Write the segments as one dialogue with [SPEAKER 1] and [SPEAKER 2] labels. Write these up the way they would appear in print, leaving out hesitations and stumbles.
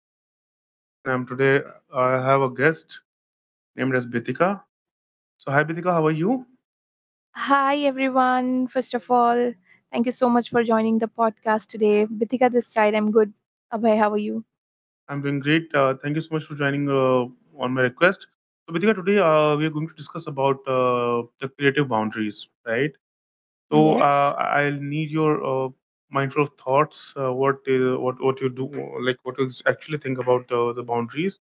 [SPEAKER 1] podcast. I'm Abhay and I have a guest named as Bitika. So hi Bitika, how are you?
[SPEAKER 2] Hi, everyone. First of all, thank you so much for joining the podcast today. Bithika this side. I'm good. Abhay, how are you?
[SPEAKER 1] I'm doing great. Thank you so much for joining on my request. So Bitika, today we are going to discuss about the creative boundaries, right? So
[SPEAKER 2] Yes.
[SPEAKER 1] I'll need your mindful of thoughts. What you do, like what you actually think about the boundaries.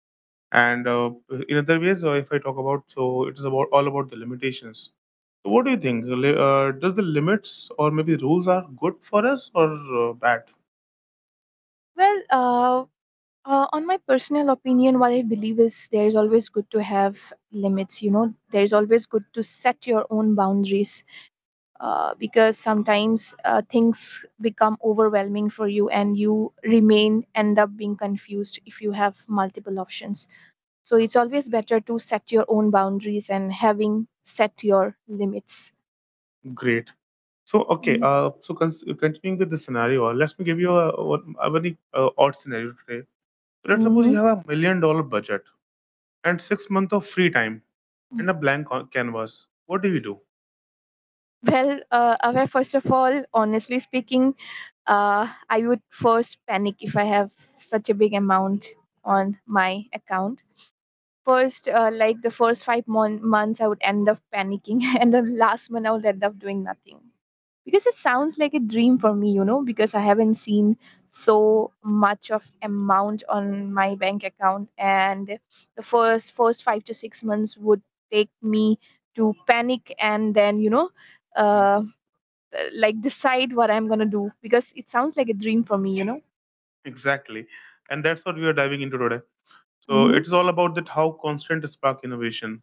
[SPEAKER 1] And In other ways, if I talk about, so it is about all about the limitations. So what do you think? Does the limits or maybe rules are good for us or bad?
[SPEAKER 2] Well, uh, on my personal opinion, what I believe is there is always good to have limits. You know, there is always good to set your own boundaries because sometimes things become overwhelming for you and you remain end up being confused if you have multiple options. So it's always better to set your own boundaries and having set your limits.
[SPEAKER 1] Great. So okay.
[SPEAKER 2] Mm-hmm.
[SPEAKER 1] Uh, so cons- Continuing with the scenario, let me give you a very odd scenario today. So let's suppose you have a $1 million budget and 6 months of free time and a canvas. What do you do?
[SPEAKER 2] Abhay, first of all, honestly speaking, I would first panic if I have such a big amount on my account. First, like the first months, I would end up panicking, and the last month, I would end up doing nothing, because it sounds like a dream for me, you know, because I haven't seen so much of amount on my bank account. And the first 5 to 6 months would take me to panic, and then, you know,
[SPEAKER 1] Mm,
[SPEAKER 2] uh like decide what I'm going to do, because it sounds like a dream for me, you know.
[SPEAKER 1] exactly. And that's what we are diving into today. So it
[SPEAKER 2] Mhm.
[SPEAKER 1] is all about that how constant spark innovation,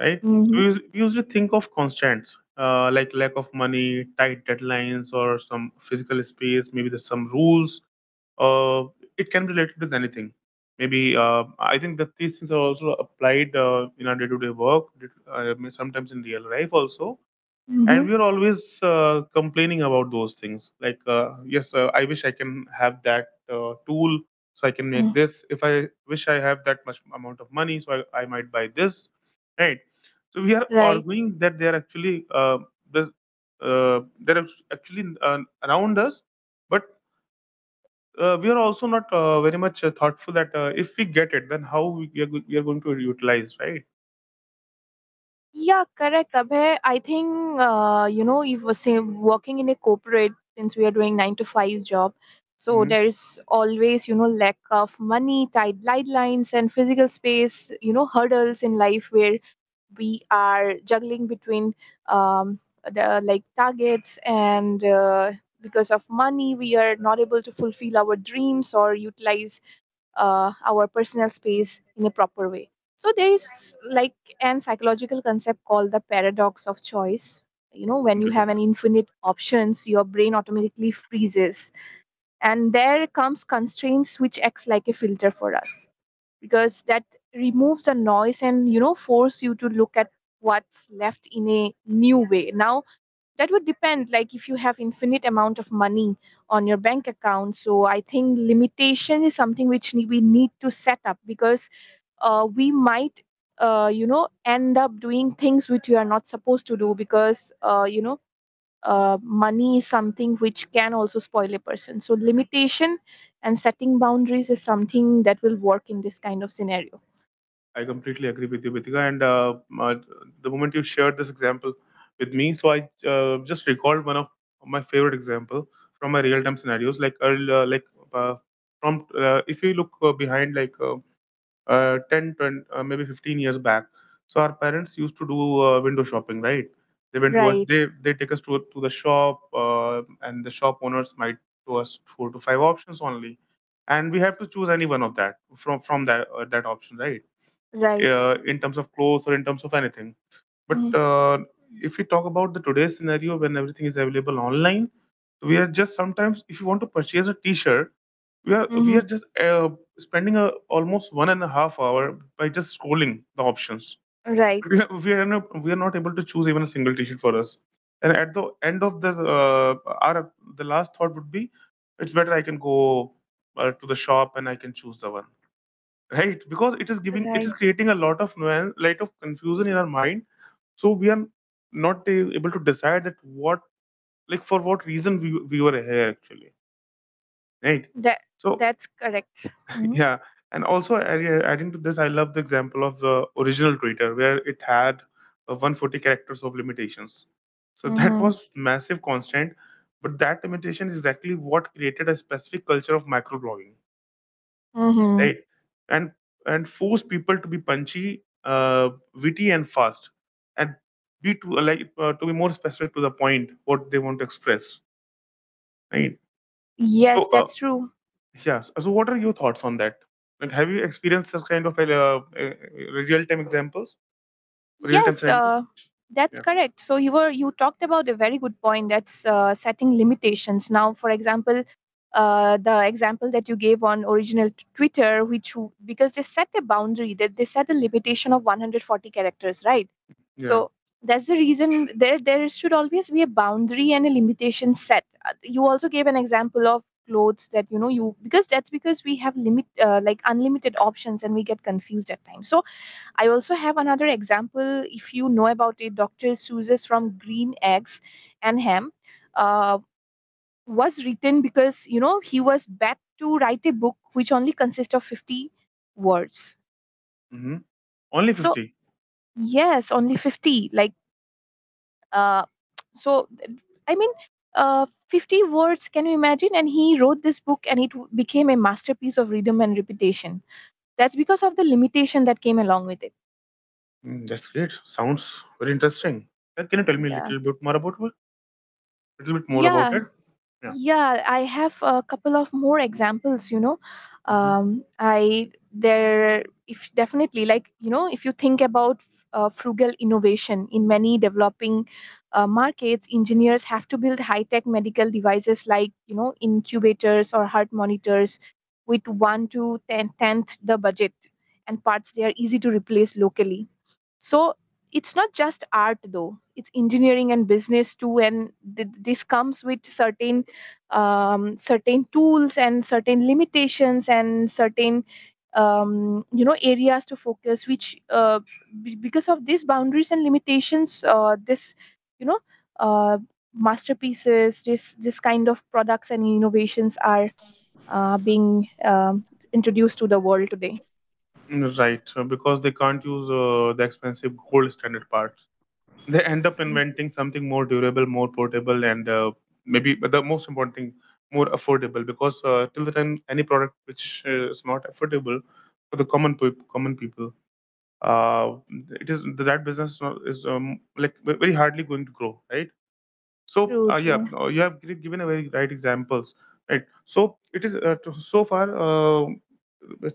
[SPEAKER 1] right? So
[SPEAKER 2] Mhm.
[SPEAKER 1] we usually think of constants like lack of money, tight deadlines, or some physical space. Maybe there's some rules. Uh, it can be related with anything. Maybe I think that these things are also applied in our day-to-day work. I mean, sometimes in real life also, and
[SPEAKER 2] Mhm.
[SPEAKER 1] we are always complaining about those things like yes I wish I can have that tool so I can make
[SPEAKER 2] Mm.
[SPEAKER 1] this. If I wish I have that much amount of money so I might buy this, right? So we are
[SPEAKER 2] Right.
[SPEAKER 1] arguing that they are actually the, they're actually around us, but we are also not very much thoughtful that if we get it then how we are, go- we are going to utilize, right?
[SPEAKER 2] Yeah, correct, Abhay. I think, you know, if we're say working in a corporate, since we are doing 9 to 5 job, so
[SPEAKER 1] Mm-hmm.
[SPEAKER 2] there is always, you know, lack of money, tight deadlines, and physical space. You know, hurdles in life where we are juggling between, um, the like targets and. Because of money we are not able to fulfill our dreams or utilize our personal space in a proper way. So there is like an psychological concept called the paradox of choice. You know, when you
[SPEAKER 1] Great.
[SPEAKER 2] have an infinite options, your brain automatically freezes, and there comes constraints which acts like a filter for us, because that removes the noise and, you know, force you to look at what's left in a new way. Now that would depend, like if you have infinite amount of money on your bank account, so I think limitation is something which we need to set up, because we might you know, end up doing things which we are not supposed to do, because you know, money is something which can also spoil a person. So limitation and setting boundaries is something that will work in this kind of scenario.
[SPEAKER 1] I completely agree with you, Bitika. And uh, the moment you shared this example with me, so I just recalled one of my favorite example from my real-time scenarios. Like, earl- like uh, from if you look behind, 10, 20, maybe 15 years back, so our parents used to do window shopping, right? They went to
[SPEAKER 2] Right,
[SPEAKER 1] they they take us to the shop, and the shop owners might show us four to five options only, and we have to choose any one of that from that option, right?
[SPEAKER 2] right,
[SPEAKER 1] In terms of clothes or in terms of anything. But if we talk about the today's scenario when everything is available online, we are just sometimes if you want to purchase a T-shirt, we are we
[SPEAKER 2] mm-hmm.
[SPEAKER 1] are just spending a, almost 1.5 hours by just scrolling the options.
[SPEAKER 2] Right,
[SPEAKER 1] But we are not able to choose even a single T-shirt for us. And at the end of our the last thought would be, it's better I can go to the shop and I can choose the one, right? Because it
[SPEAKER 2] right.
[SPEAKER 1] is creating a lot of nuance, lot of confusion in our mind. So we are not able to decide that what, like for what reason we were here actually, right?
[SPEAKER 2] That
[SPEAKER 1] So
[SPEAKER 2] that's correct.
[SPEAKER 1] yeah, and also adding to this, I love the example of the original Twitter where it had 140 characters of limitations. So that
[SPEAKER 2] Mm-hmm.
[SPEAKER 1] was massive constant, but that limitation is exactly what created a specific culture of microblogging,
[SPEAKER 2] Mhm.
[SPEAKER 1] right? And and force people to be punchy, witty, and fast, and be to like to be more specific to the point what they want to express, right? So
[SPEAKER 2] Yes, that's true.
[SPEAKER 1] yes. So what are your thoughts on that? Like, have you experienced such kind of like, real time examples, real time
[SPEAKER 2] Yes,
[SPEAKER 1] scenarios?
[SPEAKER 2] that's
[SPEAKER 1] Yeah,
[SPEAKER 2] correct. So you talked about a very good point. That's setting limitations. Now, for example, the example that you gave on Twitter, which because they set a boundary, that they set a limitation of 140 characters, right?
[SPEAKER 1] yeah.
[SPEAKER 2] So that's the reason there should always be a boundary and a limitation set. You also gave an example of clothes that, you know, you, because that's because we have limit like unlimited options and we get confused at times. So I also have another example, if you know about it, Dr. Seuss's from Green Eggs and Ham uh, was written because, you know, he was back to write a book which only consists of 50 words.
[SPEAKER 1] Hmm. Only
[SPEAKER 2] So,
[SPEAKER 1] 50.
[SPEAKER 2] yes, only 50. Like, uh, so, I mean, 50 words, can you imagine? And he wrote this book and it became a masterpiece of rhythm and repetition. That's because of the limitation that came along with it.
[SPEAKER 1] Mm, that's great. Sounds very interesting. Can you tell me a
[SPEAKER 2] Yeah.
[SPEAKER 1] little bit more about it? Little bit more about it?
[SPEAKER 2] Yeah.
[SPEAKER 1] Yeah.
[SPEAKER 2] Yeah, I have a couple of more examples, you know.
[SPEAKER 1] Mm-hmm.
[SPEAKER 2] I there if definitely, like, you know, if you think about frugal innovation in many developing markets, engineers have to build high-tech medical devices like, you know, incubators or heart monitors with one to ten tenth the budget, and parts they are easy to replace locally. So it's not just art though, it's engineering and business too. And this comes with certain, certain tools and certain limitations and certain, you know, areas to focus, which because of these boundaries and limitations, this, you know, uh, masterpieces, this kind of products and innovations are being, introduced to the world today.
[SPEAKER 1] Right, because they can't use the expensive gold standard parts. They end up
[SPEAKER 2] Yeah.
[SPEAKER 1] inventing something more durable, more portable, and maybe but the most important thing, more affordable. Because till the time any product which is not affordable for the common people, uh, it is that business is like very hardly going to grow, right? So
[SPEAKER 2] True,
[SPEAKER 1] yeah,
[SPEAKER 2] true.
[SPEAKER 1] you have given a very right examples, right? So it is so far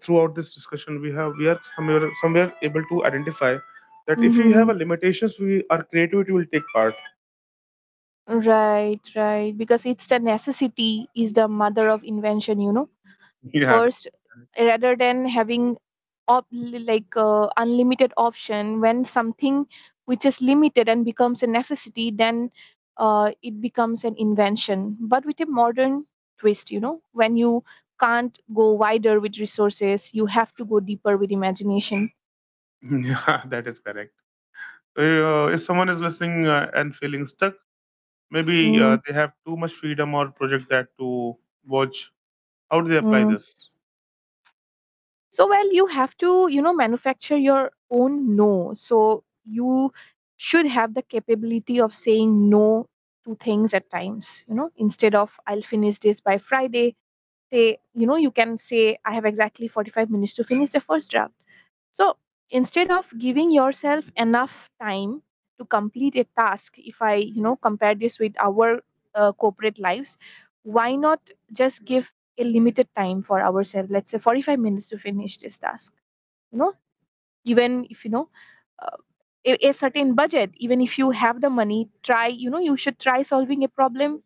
[SPEAKER 1] throughout this discussion we are somewhere able to identify that if we have
[SPEAKER 2] Mm-hmm.
[SPEAKER 1] a limitations we our creativity will take part.
[SPEAKER 2] Right, right. Because it's the necessity is the mother of invention, you know.
[SPEAKER 1] Yeah, that-
[SPEAKER 2] First, rather than having like unlimited option, when something which is limited and becomes a necessity, then it becomes an invention. But with a modern twist, you know, when you can't go wider with resources, you have to go deeper with imagination.
[SPEAKER 1] yeah, that is correct. So, if someone is listening and feeling stuck, maybe
[SPEAKER 2] Mm-hmm.
[SPEAKER 1] they have too much freedom or project that to watch, how do they apply this?
[SPEAKER 2] So, well, you have to, you know, manufacture your own no. So you should have the capability of saying no to things at times, you know. Instead of I'll finish this by Friday, say, you know, you can say I have exactly 45 minutes to finish the first draft. So instead of giving yourself enough time to complete a task, if I, you know, compare this with our corporate lives, why not just give a limited time for ourselves? Let's say 45 minutes to finish this task. You know, even if you know uh, a certain budget, even if you have the money, try, you know, you should try solving a problem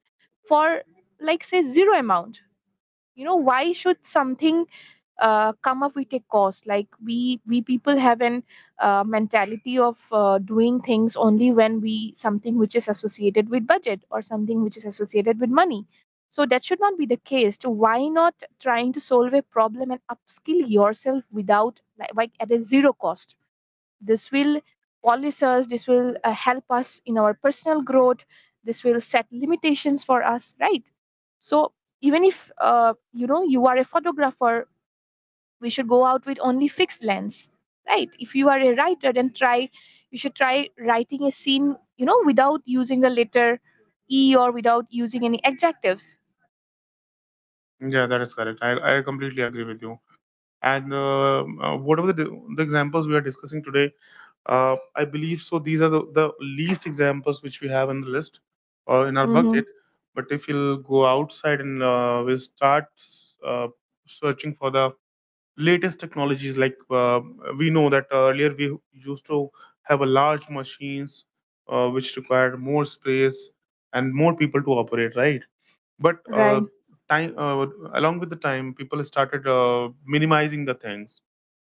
[SPEAKER 2] for like say zero amount. You know, why should something come up with a cost, like we people have an mentality of doing things only when we something which is associated with budget or something which is associated with money. So that should not be the case to why not trying to solve a problem and upskill yourself without like, like at a zero cost. This will polish us, this will help us in our personal growth, this will set limitations for us, right? So even if, you know, you are a photographer, we should go out with only fixed lens, right? If you are a writer then try, you should try writing a scene, you know, without using the letter E, or without using any adjectives.
[SPEAKER 1] Yeah, that is correct. I completely agree with you. And whatever the examples we are discussing today, I believe so these are the least examples which we have in the list or in our
[SPEAKER 2] Mm-hmm.
[SPEAKER 1] bucket. But if you'll go outside and we'll start uh, searching for the latest technologies, like we know that earlier we used to have a large machines which required more space and more people to operate, right? But
[SPEAKER 2] Right.
[SPEAKER 1] time along with the time people started minimizing the things.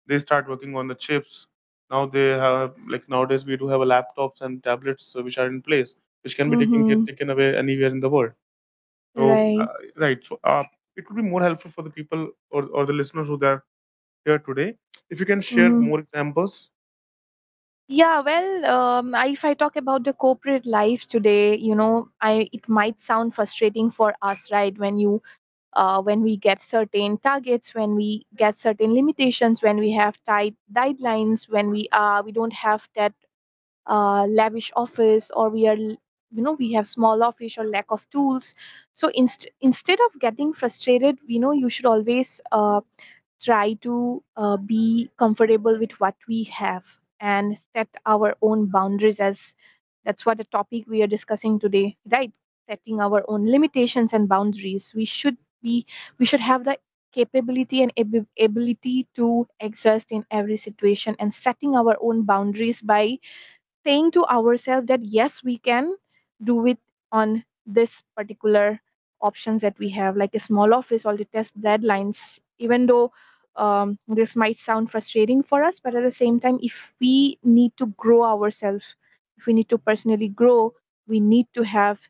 [SPEAKER 1] They start working on the chips. Now they have, like, nowadays we do have a laptops and tablets which are in place, which can be
[SPEAKER 2] Mm-hmm.
[SPEAKER 1] taken away anywhere in the world. So
[SPEAKER 2] Right.
[SPEAKER 1] it would be more helpful for the people, or the listeners who are here today, if you can share
[SPEAKER 2] Mm-hmm.
[SPEAKER 1] more examples.
[SPEAKER 2] Yeah, well, I, if I talk about the corporate life today, you know, I it might sound frustrating for us, right? When you when we get certain targets, when we get certain limitations, when we have tight deadlines, when we don't have that lavish office, or we are you know, we have small office or lack of tools, so instead of getting frustrated, we know you should always try to be comfortable with what we have, and set our own boundaries as that's what the topic we are discussing today, right? Setting our own limitations and boundaries, we should be, we should have the capability and ability to exist in every situation, and setting our own boundaries by saying to ourselves that yes we can do it on this particular options that we have, like a small office, all the test deadlines. Even though, this might sound frustrating for us, but at the same time, if we need to grow ourselves, if we need to personally grow, we need to have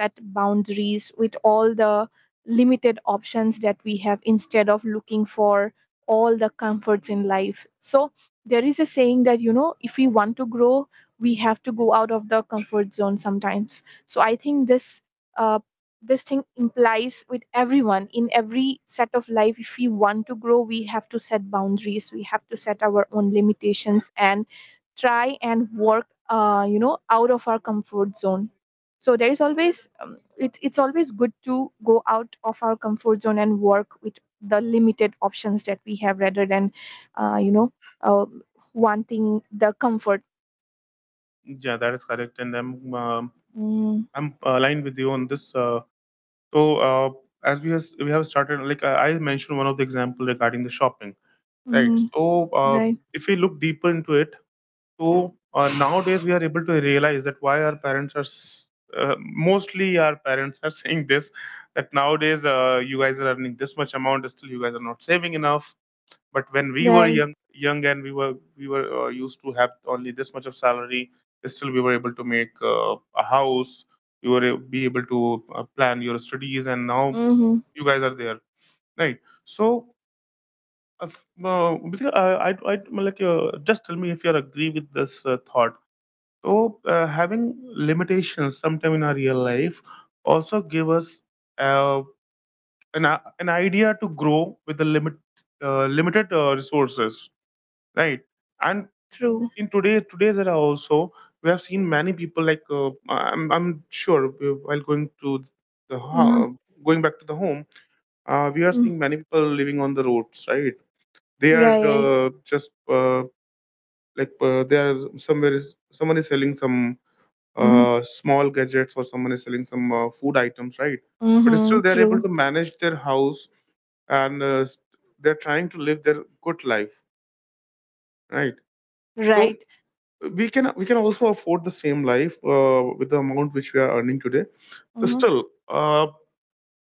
[SPEAKER 2] set boundaries with all the limited options that we have, instead of looking for all the comforts in life. So there is a saying that, you know, if we want to grow, we have to go out of the comfort zone sometimes. So I think uh, this thing implies with everyone in every set of life. If we want to grow, we have to set boundaries, we have to set our own limitations, and try and work, you know, out of our comfort zone. So there is always, it's always good to go out of our comfort zone and work with the limited options that we have, rather than you know, uh, wanting the comfort.
[SPEAKER 1] Yeah, that is correct, and i'm um,
[SPEAKER 2] Mm.
[SPEAKER 1] i'm aligned with you on this. So uh, as we have started, like I mentioned one of the example regarding the shopping, right?
[SPEAKER 2] Mm.
[SPEAKER 1] So
[SPEAKER 2] Right.
[SPEAKER 1] if we look deeper into it. So nowadays we are able to realize that why our parents are saying this, that nowadays you guys are earning this much amount, still you guys are not saving enough. But when we were
[SPEAKER 2] Right.
[SPEAKER 1] young young and we were used to have only this much of salary, still we were able to make a house, you were be able to plan your studies, and now
[SPEAKER 2] Mm-hmm,
[SPEAKER 1] you guys are there, right? So basically, just tell me if you are agree with this thought. So having limitations sometime in our real life also give us uh, an idea to grow with the limited resources, right? And
[SPEAKER 2] true.
[SPEAKER 1] in today's era also, we have seen many people, like I'm sure while going to the
[SPEAKER 2] Mm-hmm.
[SPEAKER 1] ho- going back to the home, we are seeing
[SPEAKER 2] Mm-hmm.
[SPEAKER 1] many people living on the roads, right? They are
[SPEAKER 2] Right.
[SPEAKER 1] just like they are somewhere is someone is selling some
[SPEAKER 2] Mm-hmm.
[SPEAKER 1] small gadgets or someone is selling some food items, right? But
[SPEAKER 2] Mm-hmm,
[SPEAKER 1] still, they're able
[SPEAKER 2] true.
[SPEAKER 1] to manage their house and they're trying to live their good life, right? So
[SPEAKER 2] Right.
[SPEAKER 1] we can also afford the same life with the amount which we are earning today.
[SPEAKER 2] Mm-hmm.
[SPEAKER 1] Still,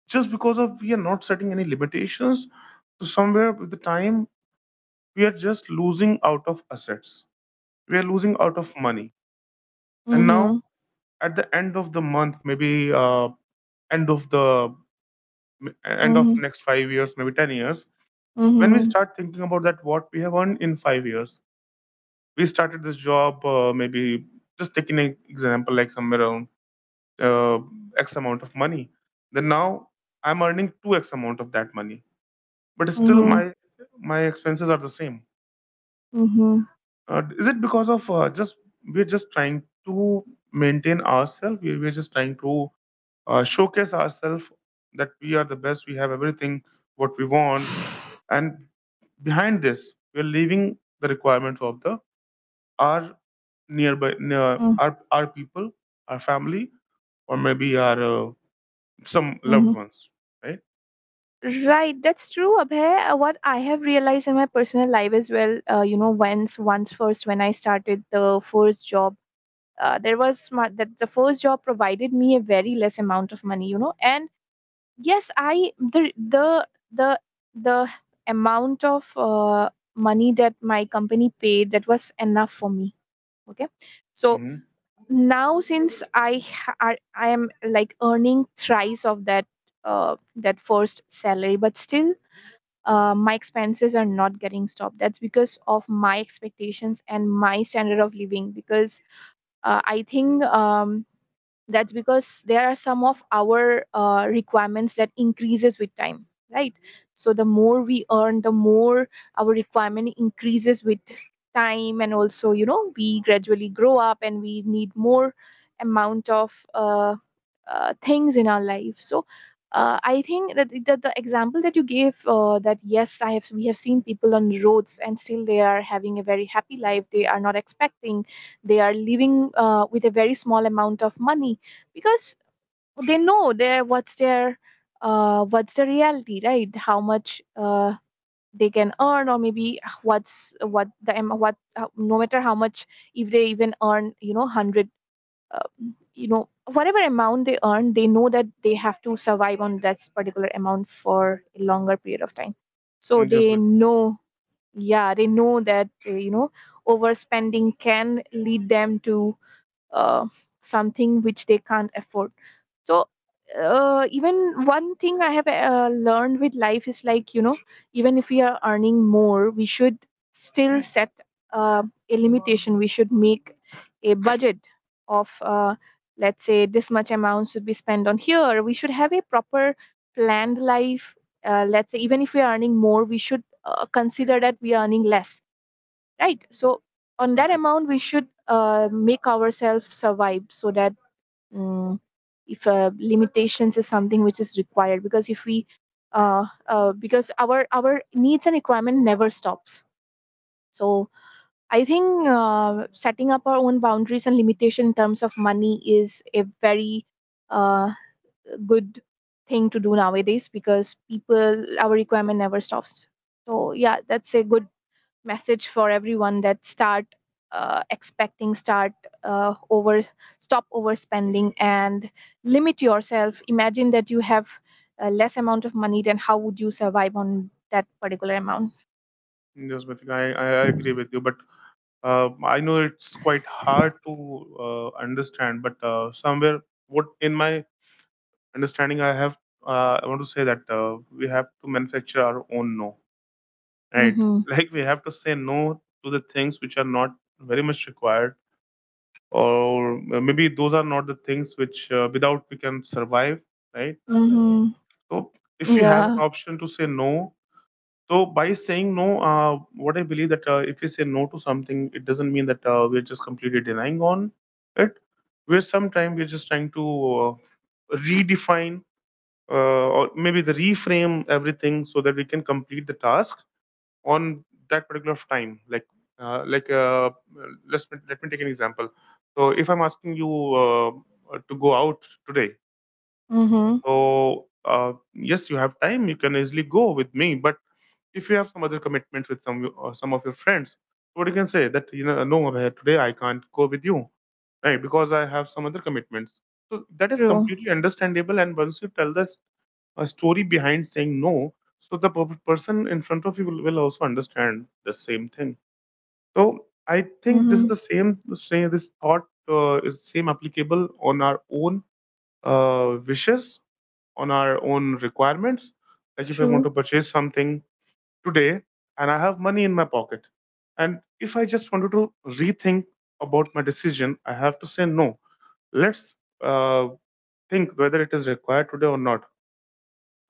[SPEAKER 1] just because of we are not setting any limitations, so somewhere with the time we are just losing out of assets. We are losing out of money, and now
[SPEAKER 2] Mm-hmm.
[SPEAKER 1] at the end of the month, maybe end of the end of
[SPEAKER 2] Mm-hmm.
[SPEAKER 1] next 5 years, maybe 10 years, when we
[SPEAKER 2] Mm-hmm.
[SPEAKER 1] start thinking about that, what we have earned in 5 years. We started this job, maybe just taking an example, like somewhere around uh, X amount of money. Then now I'm earning 2X amount of that money, but still
[SPEAKER 2] Mm-hmm.
[SPEAKER 1] my expenses are the same.
[SPEAKER 2] Mm-hmm.
[SPEAKER 1] Is it because of just we're just trying to maintain ourselves? We're just trying to showcase ourselves that we are the best, we have everything what we want, and behind this we're leaving the requirements of the our nearby near, our people, our family, or maybe our some loved
[SPEAKER 2] Mm-hmm.
[SPEAKER 1] ones, right?
[SPEAKER 2] Right, that's true, Abhay. What I have realized in my personal life as well, you know, once, once first when I started the first job, there was my, that the first job provided me a very less amount of money, you know. And yes, I the amount of money that my company paid, that was enough for me. Okay, so
[SPEAKER 1] Mm-hmm.
[SPEAKER 2] now since I am like earning thrice of that, that first salary, but still my expenses are not getting stopped, that's because of my expectations and my standard of living, because I think, that's because there are some of our requirements that increases with time, right? So the more we earn, the more our requirement increases with time, and also, you know, we gradually grow up and we need more amount of things in our life. So I think that the example that you gave, that yes I have, we have seen people on roads and still they are having a very happy life, they are not expecting, they are living with a very small amount of money, because they know their what's the reality, right? How much they can earn, or maybe what's what what no matter how much, if they even earn, you know, 100, uh, you know, whatever amount they earn, they know that they have to survive on that particular amount for a longer period of time. So
[SPEAKER 1] Just
[SPEAKER 2] they
[SPEAKER 1] with
[SPEAKER 2] know, yeah, they know that, you know, overspending can lead them to uh, something which they can't afford. So even one thing I have learned with life is like, you know, even if we are earning more, we should still set uh, a limitation, we should make a budget of, let's say this much amount should be spent on here, we should have a proper planned life. Uh, let's say even if we are earning more, we should consider that we are earning less, right? So on that
[SPEAKER 1] agree.
[SPEAKER 2] amount we should make ourselves survive, so that, mm, if limitations is something which is required, because if we because our needs and requirement never stops. So I think setting up our own boundaries and limitation in terms of money is a very uh, good thing to do nowadays, because people, our requirement never stops. So yeah, that's a good message for everyone, that start expecting, start over, stop overspending and limit yourself. Imagine that you have less amount of money, then how would you survive on that particular amount?
[SPEAKER 1] I I agree with you, but I know it's quite hard to understand, but somewhere what in my understanding I want to say that we have to manufacture our own no. Right.
[SPEAKER 2] Mm-hmm.
[SPEAKER 1] Like we have to say no to the things which are not very much required, or maybe those are not the things which without we can survive, right?
[SPEAKER 2] Mm-hmm.
[SPEAKER 1] So if we have an
[SPEAKER 2] Yeah.
[SPEAKER 1] option to say no, so by saying no, what I believe that if we say no to something, it doesn't mean that we're just completely denying on it. We're sometimes we're just trying to redefine or maybe the reframe everything so that we can complete the task on that particular time, like uh, like uh, let's let me take an example. So if I'm asking you uh, to go out today,
[SPEAKER 2] Mm-hmm.
[SPEAKER 1] so yes you have time, you can easily go with me, but if you have some other commitment with some of your friends, what you can say that you know, no Abhay, today I can't go with you, right, because I have some other commitments. So that is
[SPEAKER 2] True.
[SPEAKER 1] completely understandable, and once you tell this a story behind saying no, so the person in front of you will also understand the same thing. So I think this is
[SPEAKER 2] Mm-hmm.
[SPEAKER 1] the same this thought is same applicable on our own wishes, on our own requirements. Like if I want
[SPEAKER 2] True.
[SPEAKER 1] to purchase something today and I have money in my pocket, and if I just wanted to rethink about my decision, I have to say no. Let's uh, think whether it is required today or not.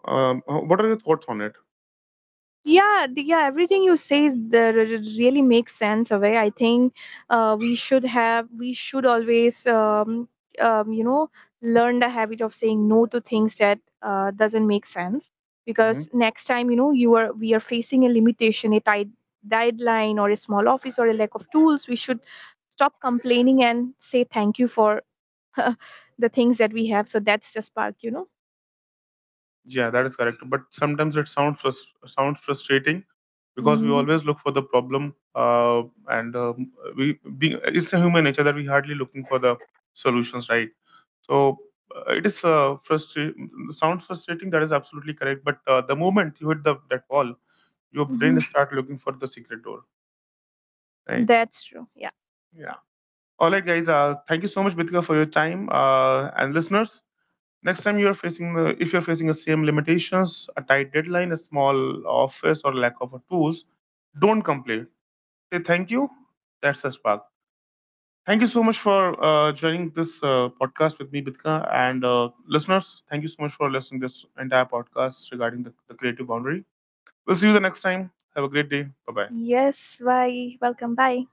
[SPEAKER 1] What are your thoughts on it?
[SPEAKER 2] Yeah, yeah, everything you say is really makes sense away. I think we should have, we should always, you know, learn the habit of saying no to things that doesn't make sense,
[SPEAKER 1] Hmm.
[SPEAKER 2] because next time, you know, you are, we are facing a limitation, a tight deadline, or a small office, or a lack of tools, we should stop complaining and say thank you for the things that we have. So that's just spark, you know.
[SPEAKER 1] Yeah, that is correct. But sometimes it sounds sounds frustrating because we
[SPEAKER 2] Hmm.
[SPEAKER 1] always look for the problem, uh, and we being it's a human nature that we hardly looking for the solutions, right? So it is frustrating. Sounds frustrating. That is absolutely correct. But the moment you hit the that wall, your
[SPEAKER 2] Hmm.
[SPEAKER 1] brain start looking for the secret door, right?
[SPEAKER 2] That's true, yeah.
[SPEAKER 1] Yeah. All right, guys. Thank you so much, Bitika, for your time. And listeners, next time you are facing if you're facing the same limitations, a tight deadline, a small office, or lack of tools, don't complain. Say thank you. That's a spark. Thank you so much for joining this podcast with me, Bitka, and listeners. Thank you so much for listening this entire podcast regarding the creative boundary. We'll see you the next time. Have a great day. Bye bye.
[SPEAKER 2] Yes, bye. Welcome. Bye.